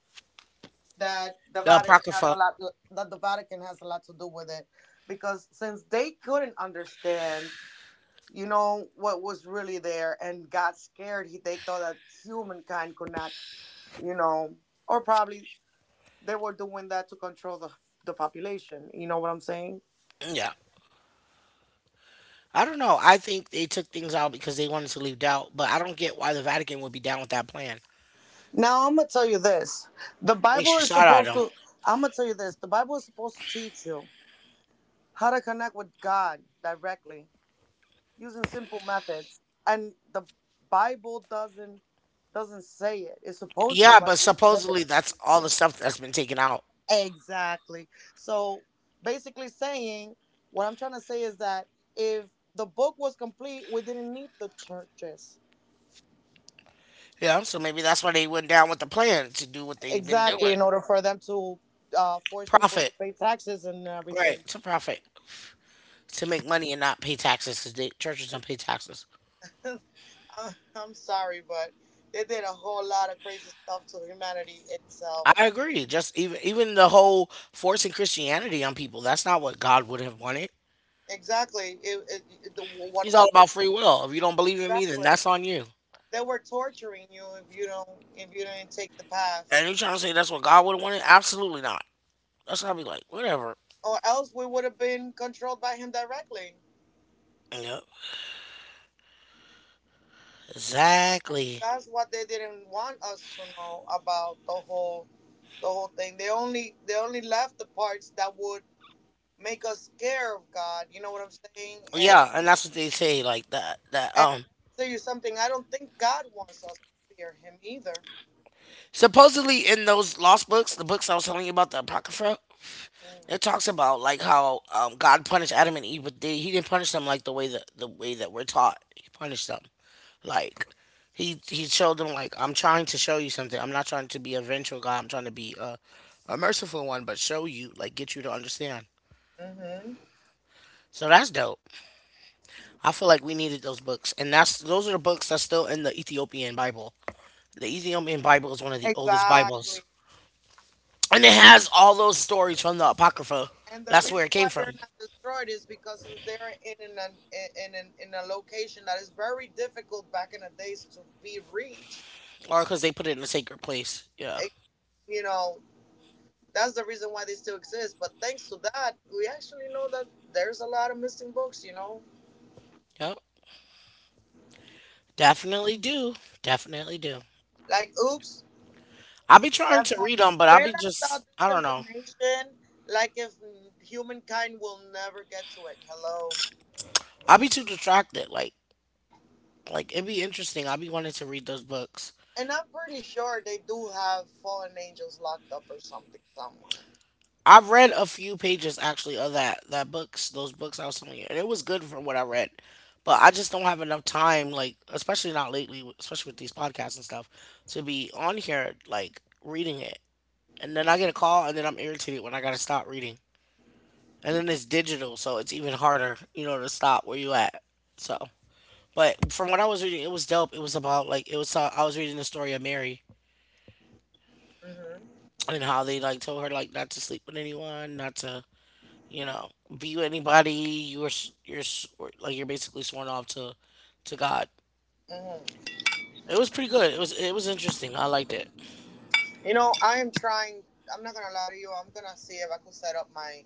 that the The Vatican has a apocrypha. lot that the Vatican has a lot to do with it because since they couldn't understand, you know, what was really there and got scared, he, they thought that humankind could not, you know, or probably they were doing that to control the the population. You know what I'm saying? Yeah, I don't know. I think they took things out because they wanted to leave doubt, but I don't get why the Vatican would be down with that plan. Now I'm gonna tell you this. The Makes Bible you is sad at supposed them. to I'm gonna tell you this. The Bible is supposed to teach you how to connect with God directly using simple methods. And the Bible doesn't doesn't say it. It's supposed to, Yeah, but but it doesn't say it. supposedly that's all the stuff that's been taken out. Exactly. So basically saying what I'm trying to say is that if the book was complete, we didn't need the churches. Yeah, so maybe that's why they went down with the plan to do what they've been Exactly, doing. in order for them to uh, force people to Profit, pay taxes and right? everything. To profit, to make money and not pay taxes because the churches don't pay taxes. I'm, I'm sorry, but they did a whole lot of crazy stuff to humanity itself. I agree. Just even even the whole forcing Christianity on people, that's not what God would have wanted. Exactly. It, it, it- the, what He's all about about freedom? free will. If you don't believe in me, then Exactly. that's on you. They were torturing you if you don't if you didn't take the path, And you trying to say that's what God would have wanted? Absolutely not. That's what I'll be like, whatever. or else we would have been controlled by him directly. Yep. Exactly. That's what they didn't want us to know about the whole the whole thing. They only they only left the parts that would make us scared of God. You know what I'm saying? And Yeah, and that's what they say, like that that And um let me tell you something. I don't think God wants us to fear Him either. supposedly in those lost books, the books I was telling you about, the Apocrypha, it talks about like how um, God punished Adam and Eve, but they, he didn't punish them like the way that the way that we're taught. He punished them like he he showed them like, I'm trying to show you something. I'm not trying to be a vengeful God. I'm trying to be a, a merciful one, but show you like get you to understand. Mm-hmm. So that's dope. I feel like we needed those books, and that's those are the books that's still in the Ethiopian Bible. The Ethiopian Bible is one of the oldest Bibles, Exactly. and it has all those stories from the Apocrypha. And the That's reason where it came why from, they're not destroyed is because since they're in an in an in a location that is very difficult back in the days to be reached, or because they put it in a sacred place. Yeah. it, you know, that's the reason why they still exist. But thanks to that, we actually know that there's a lot of missing books. You know, Yep. Definitely do. Definitely do. like oops, I'll be you trying to left out- read them, but I'll they be left out just, I this don't know. information. Like if humankind will never get to it. Hello. I'll be too distracted. Like, like, it'd be interesting. I'll be wanting to read those books. And I'm pretty sure they do have fallen angels locked up or something somewhere. I've read a few pages actually of that that books, those books I was telling you, and it was good from what I read. But I just don't have enough time, like especially not lately, especially with these podcasts and stuff, to be on here like reading it. And then I get a call, and then I'm irritated when I gotta stop reading. And then it's digital, so it's even harder, you know, to stop where you at. So. But from what I was reading, it was dope. It was about like it was. Uh, I was reading the story of Mary hmm and how they like told her like not to sleep with anyone, not to, you know, be with anybody. You were s- you're s- Like, you're basically sworn off to to God. hmm It was pretty good. It was it was interesting. I liked it. You know, I am trying. I'm not gonna lie to you. I'm gonna see if I could set up my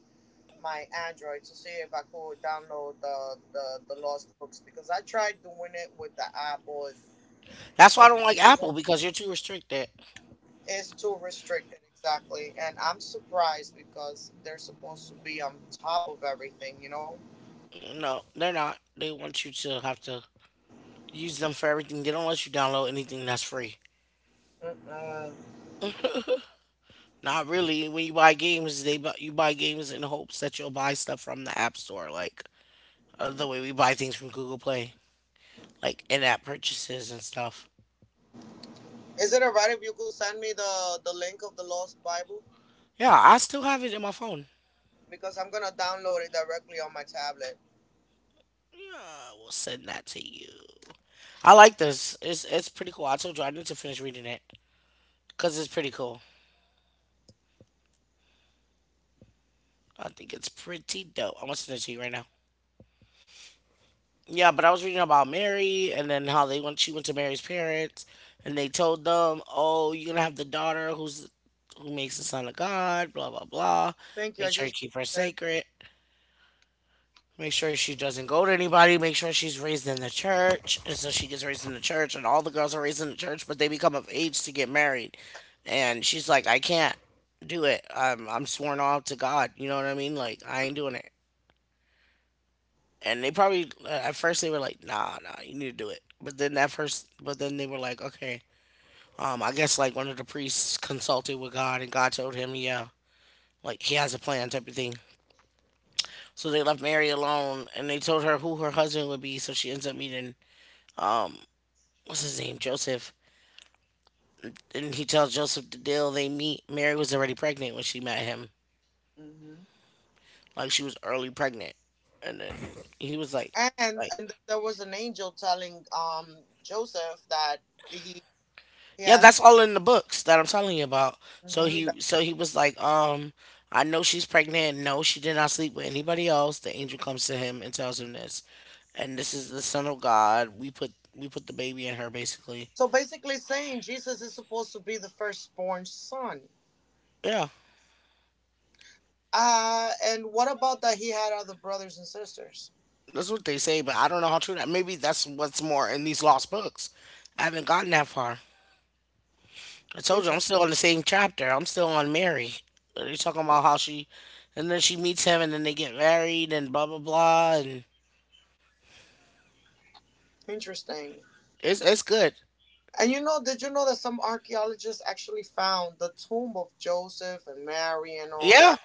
my Android to see if I could download the the, the lost books because I tried doing it with the app, but for That's why some I don't like reason Apple because you're too restricted. it's too restricted. Exactly, and I'm surprised because they're supposed to be on top of everything. You know. No, they're not. They want you to have to use them for everything. They don't let you download anything that's free. Mm-mm. Not really. When you buy games, they bu- you buy games in hopes that you'll buy stuff from the App Store. Like uh, the way we buy things from Google Play, like in-app purchases and stuff. Is it alright if you could send me the the link of the lost Bible? Yeah, I still have it in my phone. Because I'm gonna download it directly on my tablet. Yeah, we'll send that to you. I like this. It's it's pretty cool. I told you I need to finish reading it because it's pretty cool. I think it's pretty dope. I'm gonna send it to you right now. Yeah, but I was reading about Mary and then how they went. She went to Mary's parents and they told them, "Oh, you're gonna have the daughter who's who makes the son of God." Blah blah blah. Thank you. I Make sure you just keep her read it. sacred. Make sure she doesn't go to anybody. Make sure she's raised in the church. And so she gets raised in the church, and all the girls are raised in the church, but they become of age to get married. And she's like, I can't do it. I'm, I'm sworn off to God. You know what I mean? Like, I ain't doing it. And they probably, uh, at first, they were like, nah, nah, you need to do it. But then that first, but then they were like, okay. Um, I guess like one of the priests consulted with God, and God told him, yeah, like he has a plan type of thing. So they left Mary alone, and they told her who her husband would be. So she ends up meeting um, what's his name, Joseph. Didn't he tell Joseph the deal they meet. Mary was already pregnant when she met him. hmm Like she was early pregnant. And then he was like, And like, and there was an angel telling um Joseph that he he yeah, that's has. all in the books that I'm telling you about. So hmm he, so he was like, um, I know she's pregnant. No, she did not sleep with anybody else. The angel comes to him and tells him this, and this is the son of God. We put, we put the baby in her, basically. so basically saying Jesus is supposed to be the firstborn son. Yeah, Uh, and what about that he had other brothers and sisters? that's what they say, but I don't know how true that. Maybe that's what's more in these lost books. I haven't gotten that far. I told you Inter- I'm still on the same chapter. I'm still on Mary. You're talking about how she, and then she meets him, and then they get married, and blah blah blah, and interesting. it's it's good. And you know, did you know that some archaeologists actually found the tomb of Joseph and Mary and all Yeah, that?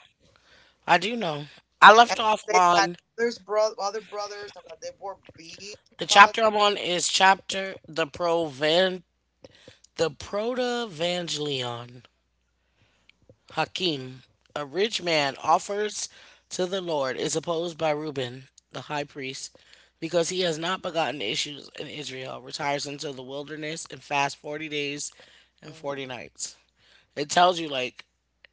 I do know. I left And off they had on others bro- other brothers, and that they were B the chapter positive. I'm on is chapter the Provan the Protevangelion. Hakim, a rich man, offers to the Lord, is opposed by Reuben, the high priest, because he has not begotten issues in Israel, retires into the wilderness and fasts forty days and Mm, forty nights. It tells you, like,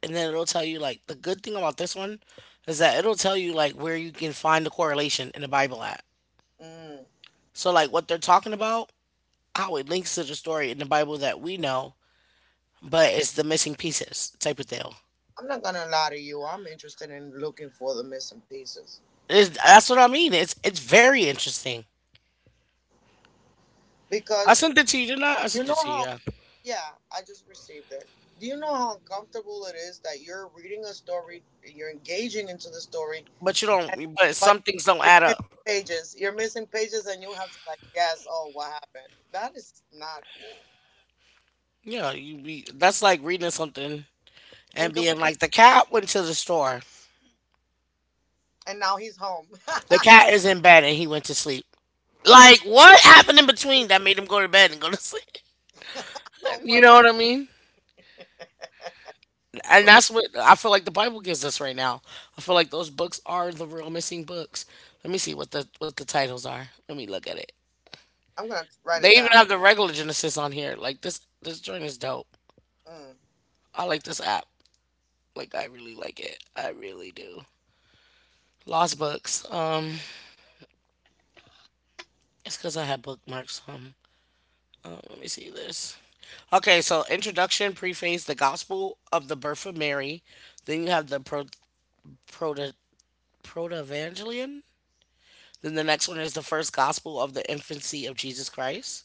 and then it'll tell you, like, the good thing about this one is that it'll tell you, like, where you can find the correlation in the Bible at. mm. So, like, what they're talking about, how it links to the story in the Bible that we know, but it's the missing pieces type of deal. I'm not gonna lie to you. I'm interested in looking for the missing pieces It's, that's what I mean. It's it's very interesting. I because sent it to you, didn't I? I you sent it know to you. how. Yeah. Yeah, I just received it. Do you know how uncomfortable it is that you're reading a story, you're engaging into the story, But you and don't. But but some things don't you're add missing up. pages. You're missing pages, and you have to like guess. Oh, what happened? That is not cool. Yeah, you be. That's like reading something and being Incomplete. like, the cat went to the store. And now he's home. The cat is in bed and he went to sleep. Like, what happened in between that made him go to bed and go to sleep? Don't You know worry. what I mean? And that's what I feel like the Bible gives us right now. I feel like those books are the real missing books. Let me see what the what the titles are. Let me look at it. I'm gonna write They it even down. have the regular Genesis on here. Like this, this joint is dope. Mm. I like this app. Like I really like it. I really do. Lost books. Um, it's because I had bookmarks. Um, let me see this. Okay, so introduction, preface, the gospel of the birth of Mary. Then you have the pro proto protevangelion. Then the next one is the first gospel of the infancy of Jesus Christ.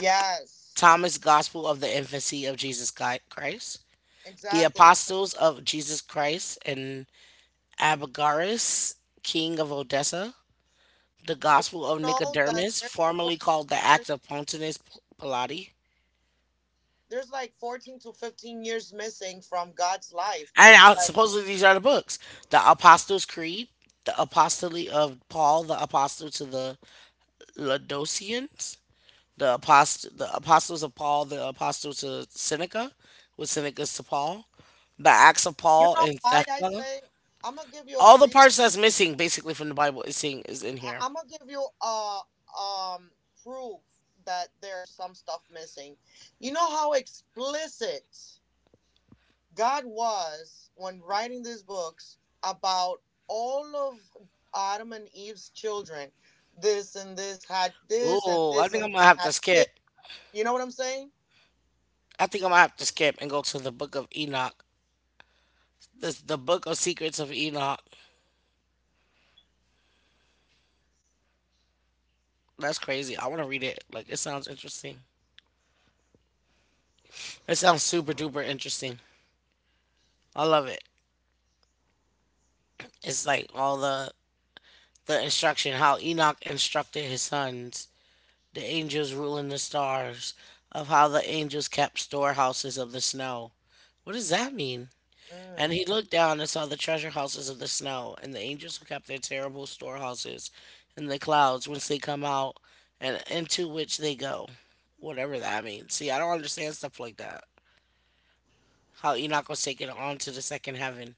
Yes, Thomas Gospel of the infancy of Jesus Chi- Christ. The exactly. apostles of Jesus Christ and Abagaris, king of Odessa, the Did Gospel you of know that Nicodemus, there's four formerly called the years, Acts of Pontinus Pilate, there's like fourteen to fifteen years missing from God's life? and It's out, like, supposedly these are the books: the Apostles' Creed, the Apostolate of Paul, the Apostle to the Laodiceans, the Apostle, the Apostles of Paul, the Apostle to Seneca, with Seneca's to Paul, the Acts of you Paul know and why I Thecla. say, I'm gonna give you a All the re- parts that's missing, basically, from the Bible is seen is in here. I'm gonna give you a um proof that there's some stuff missing. You know how explicit God was, when writing these books about all of Adam and Eve's children, this and this had this, and Ooh, I this think I'm and this gonna have to had skip. this. You know what I'm saying? I think I'm gonna have to skip and go to the Book of Enoch. This the Book of Secrets of Enoch. That's crazy. I want to read it. Like it sounds interesting. It sounds super duper interesting. I love it. It's like all the the instruction how Enoch instructed his sons, the angels ruling the stars, of how the angels kept storehouses of the snow. What does that mean? And Mm, he looked down and saw the treasure houses of the snow, and the angels who kept their terrible storehouses in the clouds whence they come out and into which they go. Whatever that means. See, I don't understand stuff like that. How Enoch was taken on to the second heaven.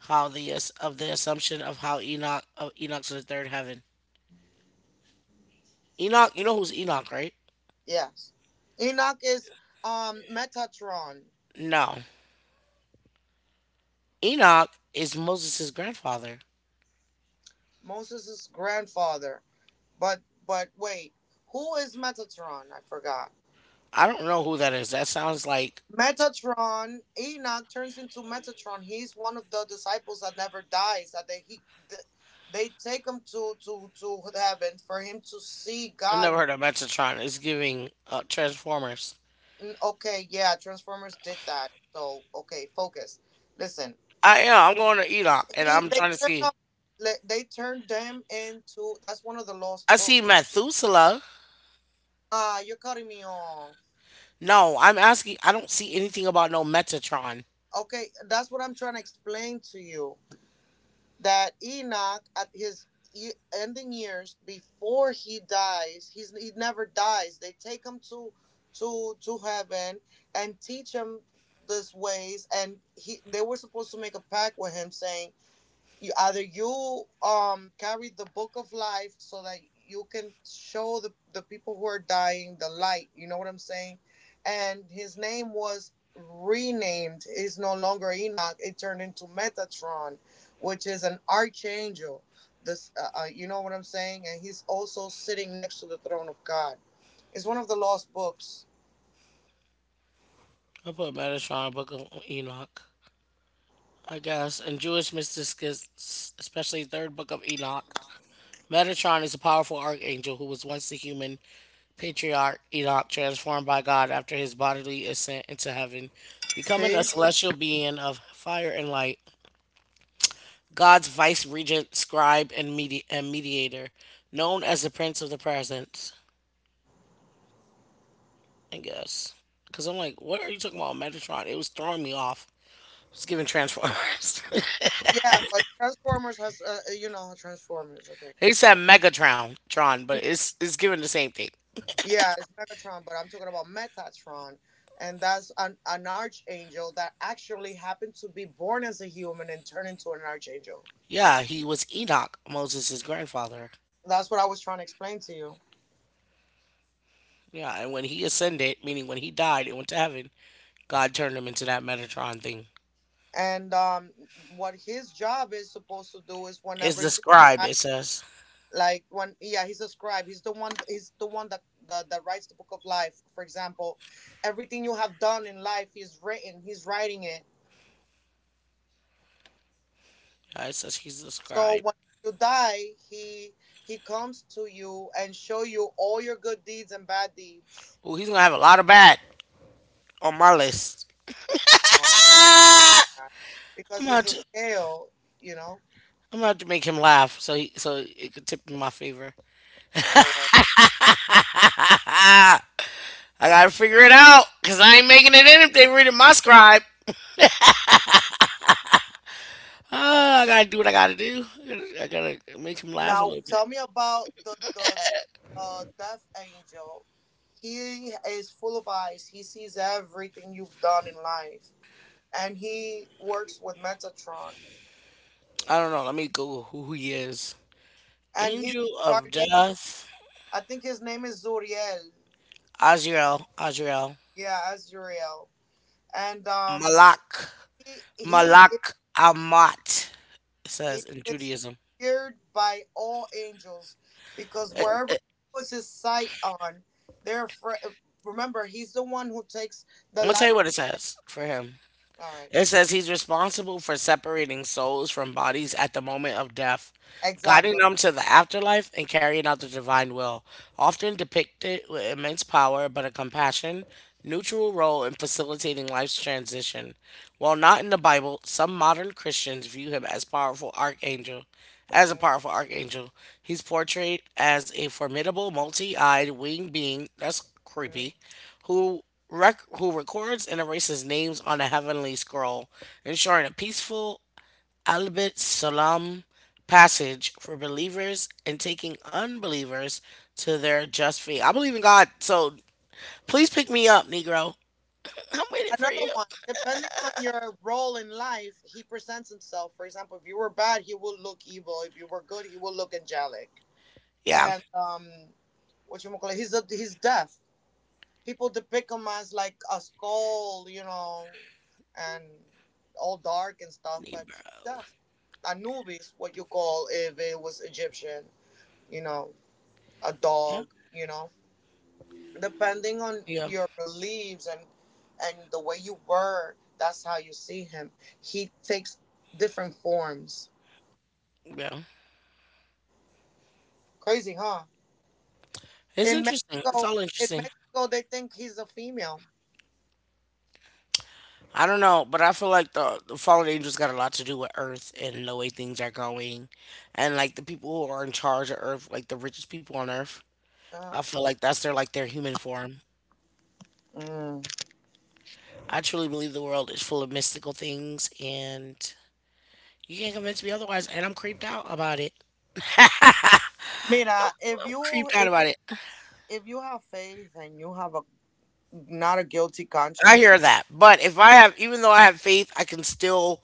How the ass- of the assumption of how Enoch of Enoch to the third heaven. Enoch, you know who's Enoch, right? yes. Enoch is um, Metatron, No. Enoch is Moses' grandfather. Moses' grandfather. But but wait, who is Metatron? I forgot. I don't know who that is. That sounds like Metatron, Enoch turns into Metatron. He's one of the disciples that never dies. That they he th- They take him to to to heaven for him to see I God. never In heard of Metatron. It's giving uh, Transformers. Mm, okay, yeah, Transformers did that. So okay, focus. Listen, I am. I'm going to Enoch, and he I'm they trying to turn see. up, le- they turned them into. That's one of the I lost see books. Methuselah. Ah, you're cutting me off. No, I'm asking. I don't see anything about no Metatron. Okay, that's what I'm trying to explain to you. That Enoch at his e- ending years, before he dies, he's he never dies. They take him to to to heaven and teach him this ways, and he they were supposed to make a pact with him saying, you either you um carry the book of life, so that you can show the, the people who are dying the light. You know what I'm saying? And his name was renamed, is no longer Enoch. It turned into Metatron, which is an archangel. This uh, uh, you know what I'm saying. And he's also sitting next to the throne of God. It's one of the lost books. I put Metatron, Book of Enoch, I guess, and Jewish mystics, especially Third Book of Enoch. Metatron is a powerful archangel who was once the human patriarch Enoch, transformed by God after his bodily ascent into heaven, becoming See. a celestial being of fire and light. God's vice regent, scribe, and, medi- and mediator, known as the Prince of the Present. I guess. Because I'm like, what are you talking about, Megatron? It was throwing me off. It's giving Transformers. Yeah, but Transformers has uh, uh, you know Transformers. Okay. They said Megatron, Tron, but it's it's giving the same thing. Yeah, it's Megatron, but I'm talking about Metatron, and that's an, an archangel that actually happened to be born as a human and turned into an archangel. Yeah, he was Enoch, Moses' grandfather. That's what I was trying to explain to you. Yeah, and when he ascended, meaning when he died and went to heaven, God turned him into that Metatron thing. And um, what his job is supposed to do is whenever It's you the scribe, die, it says. like when yeah, he's a scribe. He's the one. He's the one that that, that writes the book of life. For example, everything you have done in life, he's written. He's writing it. Yeah, it says he's the So scribe. when you die, he he comes to you and show you all your good deeds and bad deeds. Ooh, he's gonna have a lot of bad on my list. No, don't say Ah! that. I'm Because it's about a to, scale, you know. I'm about to make him laugh, so he, so it could tip in my favor. No way. Ah. I gotta figure it out because I ain't making it in if they reading my scribe. Ah, I gotta do what I gotta do. I gotta, I gotta make him laugh a Now little bit. tell me about the the, the death angel. He is full of eyes. He sees everything you've done in life, and he works with Metatron. I don't know. Let me Google who he is. And he's the Angel of dark angel. Death, I think his name is Zuriel. Azrael, Azrael, Yeah, Azuriel. And um, Malak, he he is, Malak Amat. It says he in is Judaism. feared by all angels, because wherever he puts his sight on, they're fr- remember, he's the one who takes the I'm gonna tell you life. what Of- it says for him. All right, It never says mind. he's responsible for separating souls from bodies at the moment of death, guiding Exactly. them to the afterlife, and carrying out the divine will. Often depicted with immense power, but a compassion, neutral role in facilitating life's transition. While not in the Bible, some modern Christians view him as powerful archangel. As a powerful archangel, he's portrayed as a formidable multi-eyed winged being. That's Mhm. creepy who rec- who records and erases names on a heavenly scroll, ensuring a peaceful albeit salam passage for believers and taking unbelievers to their just fate. I believe in God, so please pick me up, Negro. I'm waiting for Another you. one. Depending on your role in life, he presents himself. For example, if you were bad, he will look evil. If you were good, he will look angelic. Yeah, And um, what you call it? He's a, he's deaf. People depict him as like a skull, you know, and all dark and stuff, but he's Negro. deaf. Anubis, what you call if it was Egyptian, you know, a Yeah, dog, you know. Depending on yeah, your beliefs and and the way you were, that's how you see him. He takes different forms. yeah. Crazy, huh? It's In interesting. It's Mexico, all in interesting. Mexico, they think he's a female. I don't know, but I feel like the the fallen angels got a lot to do with Earth and the way things are going, and like the people who are in charge of Earth, like the richest people on Earth. I Uh-huh. feel like that's their like their human form. Mm. I truly believe the world is full of mystical things, and you can't convince me otherwise. And I'm creeped out about it. Mira, if I'm you creeped out if about it. if you have faith and you have a not a guilty I conscience, hear you, that, but if I have, even though I have faith, I can still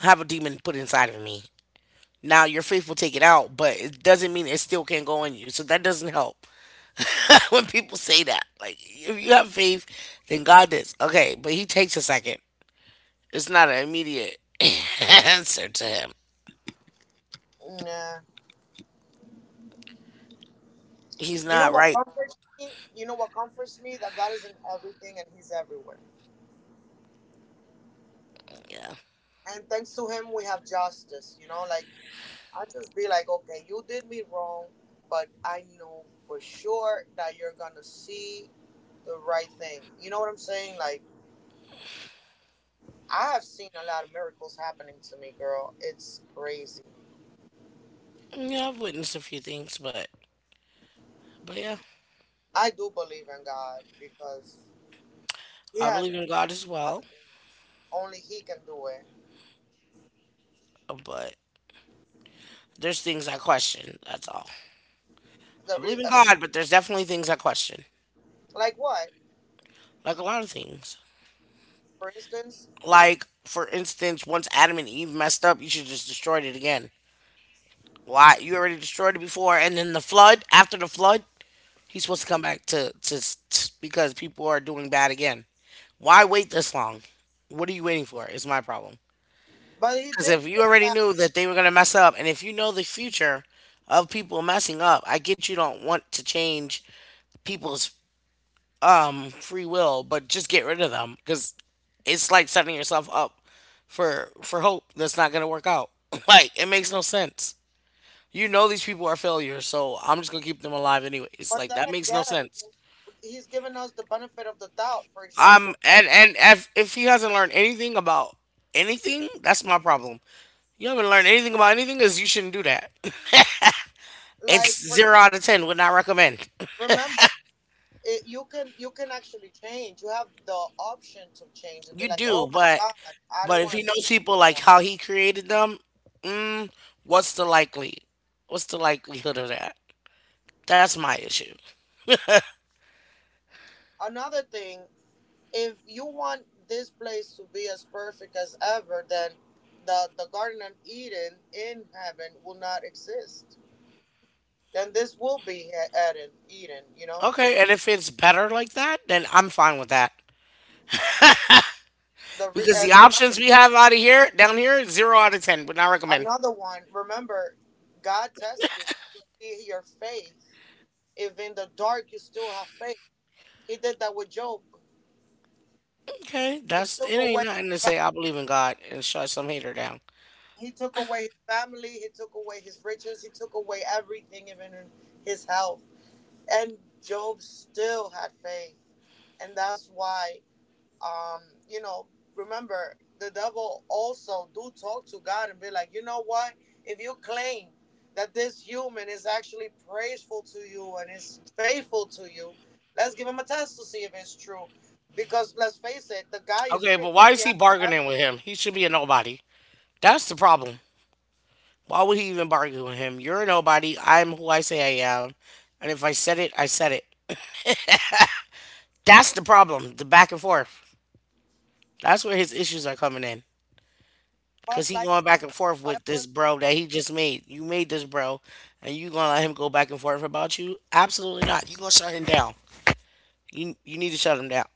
have a demon put inside of me. Now your faith will take it out, but it doesn't mean it still can't go in you. So that doesn't help. when people say that. Like, if you have faith, then God does. Okay, but he takes a second. It's not an immediate answer to him. nah. He's You know not what right. comforts me? You know what comforts me? That God is in everything and He's everywhere. Yeah. And thanks to Him, we have justice. You know, like I just be like, okay, you did me wrong, but I know for sure that you're gonna see the right thing. You know what I'm saying? Like I have seen a lot of miracles happening to me, girl. It's crazy. Yeah, I've witnessed a few things, but but yeah, I do believe in God because He I has believe in saved me God from as a lot well. of things. Only he can do it. But there's things I question. That's all. I The re- believe in uh, God, but there's definitely things I question. like what, Like a lot of things. for instance? Like for instance, once Adam and Eve messed up, you should just destroyed it again. Why? You already destroyed it before, and then the flood. After the flood, he's supposed to come back to, to to because people are doing bad again. Why wait this long? What are you waiting for? Is my problem. But he Because did if you get already that. knew that they were gonna mess up, and if you know the future of people messing up, I get you don't want to change people's um free will, but just get rid of them because it's like setting yourself up for for hope that's not gonna work out. like it makes no sense. You know these people are failures, so I'm just gonna keep them alive anyways. But Like then that makes no again, sense. he's given us the benefit of the doubt. For Um, example, and like and if if he hasn't learned anything about anything, that's my problem. You haven't learned anything about anything, is you shouldn't do that. It's like for, zero out of ten. Would not recommend. remember, it, you can you can actually change. You have the option to change and be You like, do, oh my but god, I but don't if want he to do knows this people like anymore. how he created them, what's the likely? What's the likelihood of that? That's my issue. Another thing, if you want this place to be as perfect as ever, then the the Garden of Eden in heaven will not exist. Then this will be he- Eden, Eden. You know, Okay, and if it's better like that, then I'm fine with that. the re- Because the and another options we thing, have out of here, down here, zero out of ten. Would not recommend. another one. Remember, God tests you to see your faith. If in the dark you still have faith, He did that with Job. Okay, He that's took it. Ain't away. nothing to say. I believe in God and shut some hater down. He took away his family. He took away his riches. He took away everything, even his health, and Job still had faith. And that's why, um you know remember, the devil also do talk to God and be like, you know what, if you claim that this human is actually praiseful to you and is faithful to you, let's give him a test to see if it's true, because let's face it, the guy is Okay, rich, but why he is he has bargaining with everything. him? He should be a nobody. That's the problem. Why would he even bargain with him? You're a nobody. I'm who I say I am. And if I said it, I said it. That's the problem. The back and forth. That's where his issues are coming in. But Cause he like going I said, back and the forth with Bible this is not bro that he complete. just made. You made this bro, and you gonna let him go back and forth about you? Absolutely not. You gonna shut him down. You you need to shut him down.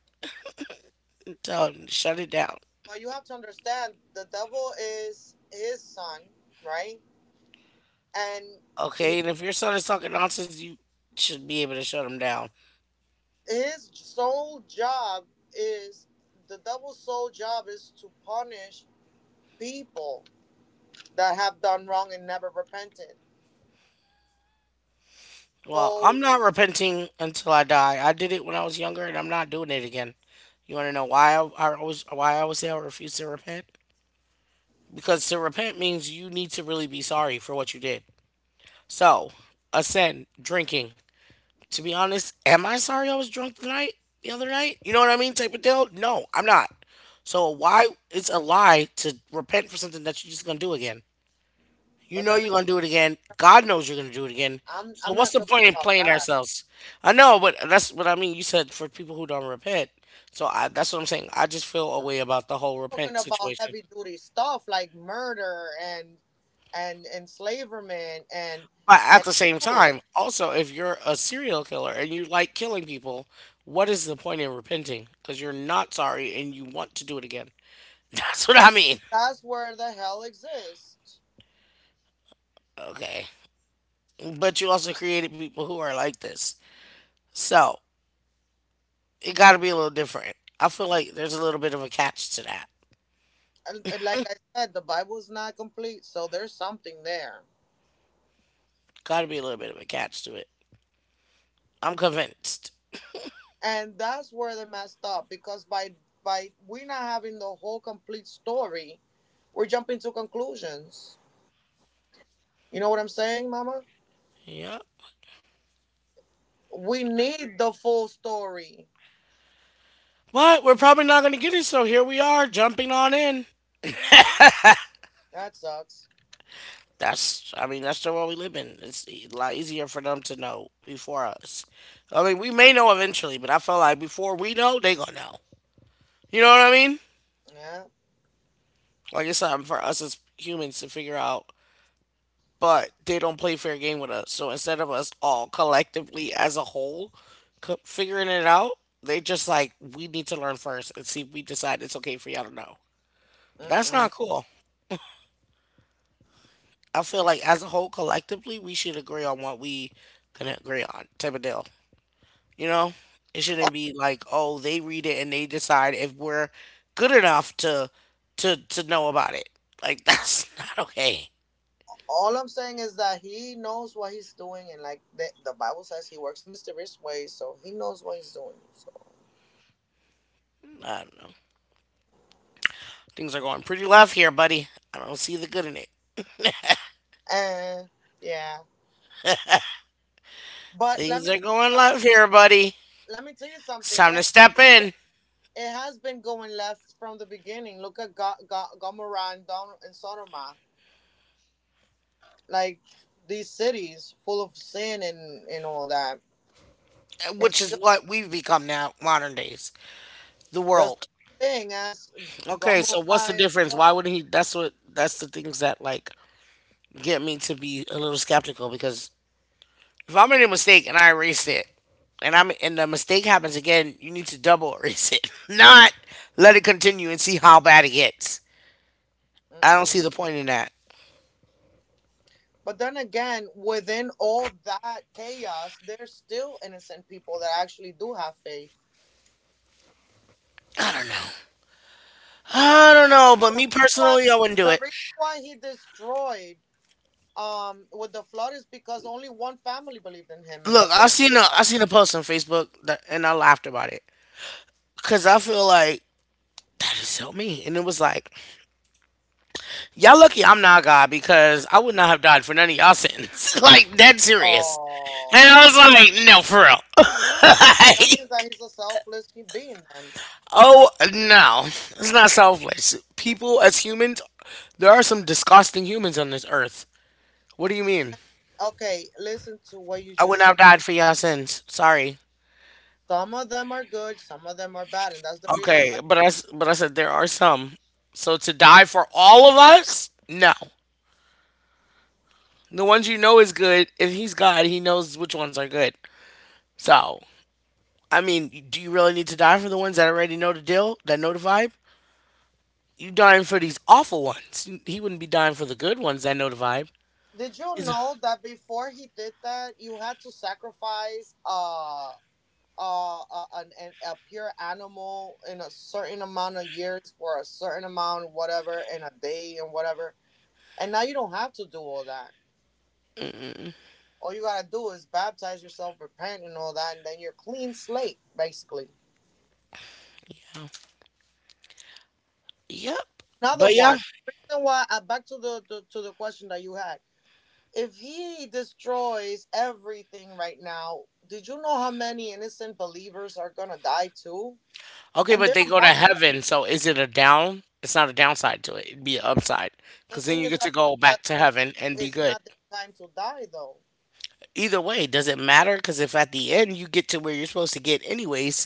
Tell him to shut it down. But you have to understand, the devil is his son, right? And his Okay, and if your son is talking nonsense, you should be able to shut him down. his sole job is, the double sole job is to punish people that have done wrong and never repented. Well, So, I'm not repenting until I die. I did it when I was younger, and I'm not doing it again. You want to know why I, I always why I always say I refuse to repent? Because to repent means you need to really be sorry for what you did. So, a sin, drinking. To be honest, am I sorry I was drunk the night the other night? You know what I mean, type of deal. No, I'm not. So why it's a lie to repent for something that you're just gonna do again? You but know then you're again, gonna do it again. God knows you're gonna do it again. I'm So I'm what's not the talking point in about playing that. ourselves? I know, but that's what I mean. You said for people who don't repent. So I, that's what I'm saying. I just feel a way about the whole I'm talking repent about situation. heavy duty stuff like murder, and and enslavement, and But at and the same abuse. time, also if you're a serial killer and you like killing people, what is the point in repenting? Because you're not sorry and you want to do it again. That's what I mean. That's where the hell exists. Okay. But you also created people who are like this. So it got to be a little different. I feel like there's a little bit of a catch to that. And, and like I said, the Bible's not complete, so there's something there. Gotta be a little bit of a catch to it. I'm convinced. And that's where they messed up, because by by we not having the whole complete story, we're jumping to conclusions. You know what I'm saying, mama? Yep. We need the full story. But we're probably not gonna get it, so here we are, jumping on in. That sucks. That's, I mean, that's the world we live in. It's e, a lot easier for them to know before us. I mean, we may know eventually, but I feel like before we know, they gonna know. You know what I mean? Yeah. Like it's something for us as humans to figure out, but they don't play fair game with us. So instead of us all collectively as a whole figuring it out, they just like we need to learn first and see if we decide it's okay for y'all to know. That's Mm-mm. not cool. I feel like as a whole, collectively, we should agree on what we can agree on, type of deal. You know, it shouldn't All, be like, oh, they read it and they decide if we're good enough to to to know about it. Like that's not okay. all I'm saying is that he knows what he's doing, and like the, the Bible says, he works in mysterious ways, so he knows what he's doing, so. Um, things are going pretty left here, buddy. I don't see the good in it. And yeah, but let Things me are going left here, buddy. let me tell you It's something. time to step in, It has been going left from the beginning. Look at Ga- Ga- Gomorrah, and Don- and Sodoma, like these cities full of sin, and, and all that. It's which is still what we've become now, modern days, the the same world. thing as Okay, Gomorrah so what's the and difference? Sodom. Why would not he? That's what. That's the things that like get me to be a little skeptical because if I made a mistake and I erased it, and I'm and the mistake happens again, you need to double erase it, not let it continue and see how bad it gets. I don't Mm-mm. see the point in that. But then again, within all that chaos, there's still innocent people that actually do have faith. I don't The know, but reason me why, personally, I wouldn't do the it. reason why he destroyed, um with the flood, is because only one family believed in him, and Look, that's why. I seen a I seen a post on Facebook that, and I laughed about it because I feel like that is so mean, and it was like y'all lucky I'm not God because I would not have died for none of y'all sins. like dead serious. And I Oh. was like, no, for real. That means that like, he's a selfless being then. oh, no. It's not selfless. People, as humans, there are some disgusting humans on this earth. What do you mean? Okay, listen to what you I would just not have said. died for your sins. Sorry. Some of them are good, some of them are bad, and that's the reason Okay, why. but I, s- but I said there are some. So to die for all of us? No. The ones you know is good. If he's God, he knows which ones are good. So, I mean, do you really need to die for the ones that already know the deal, that know the vibe? You dying for these awful ones. He wouldn't be dying for the good ones. I know the vibe. Did you He's a- know that before he did that, you had to sacrifice uh uh, uh an, an, a pure animal in a certain amount of years for a certain amount, whatever, in a day and whatever, and now you don't have to do all that? All you gotta do is baptize yourself, repent and all that, and then you're clean slate basically. yep. Another But one. yeah. The reason why, uh, back to the to, to the question that you had. If he destroys everything right now, did you know how many innocent believers are gonna die too? Okay, And but they're they go to amongst them. heaven. So is it a down? It's not a downside to it. It'd be an upside. The Because then thing you is get that, to go that back to they're- heaven and be it's good. not their time to die though. Either way, does it matter? Because if at the end you get to where you're supposed to get anyways,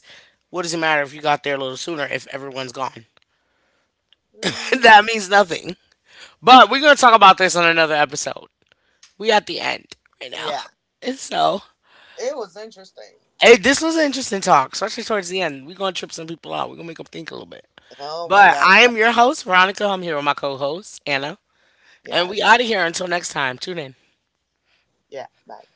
what does it matter if you got there a little sooner if everyone's gone? Mm, that means nothing. But we're going to talk about this on another episode. We at the end right now. yeah, And so it was interesting. hey, this was an interesting talk, especially towards the end. We're gonna trip some people out. We're gonna make them think a little bit. Oh my But god. I am your host, Veronica. I'm here with my co-host, Anna. And we Yes. out of here until next time. Tune in. Yeah. Bye.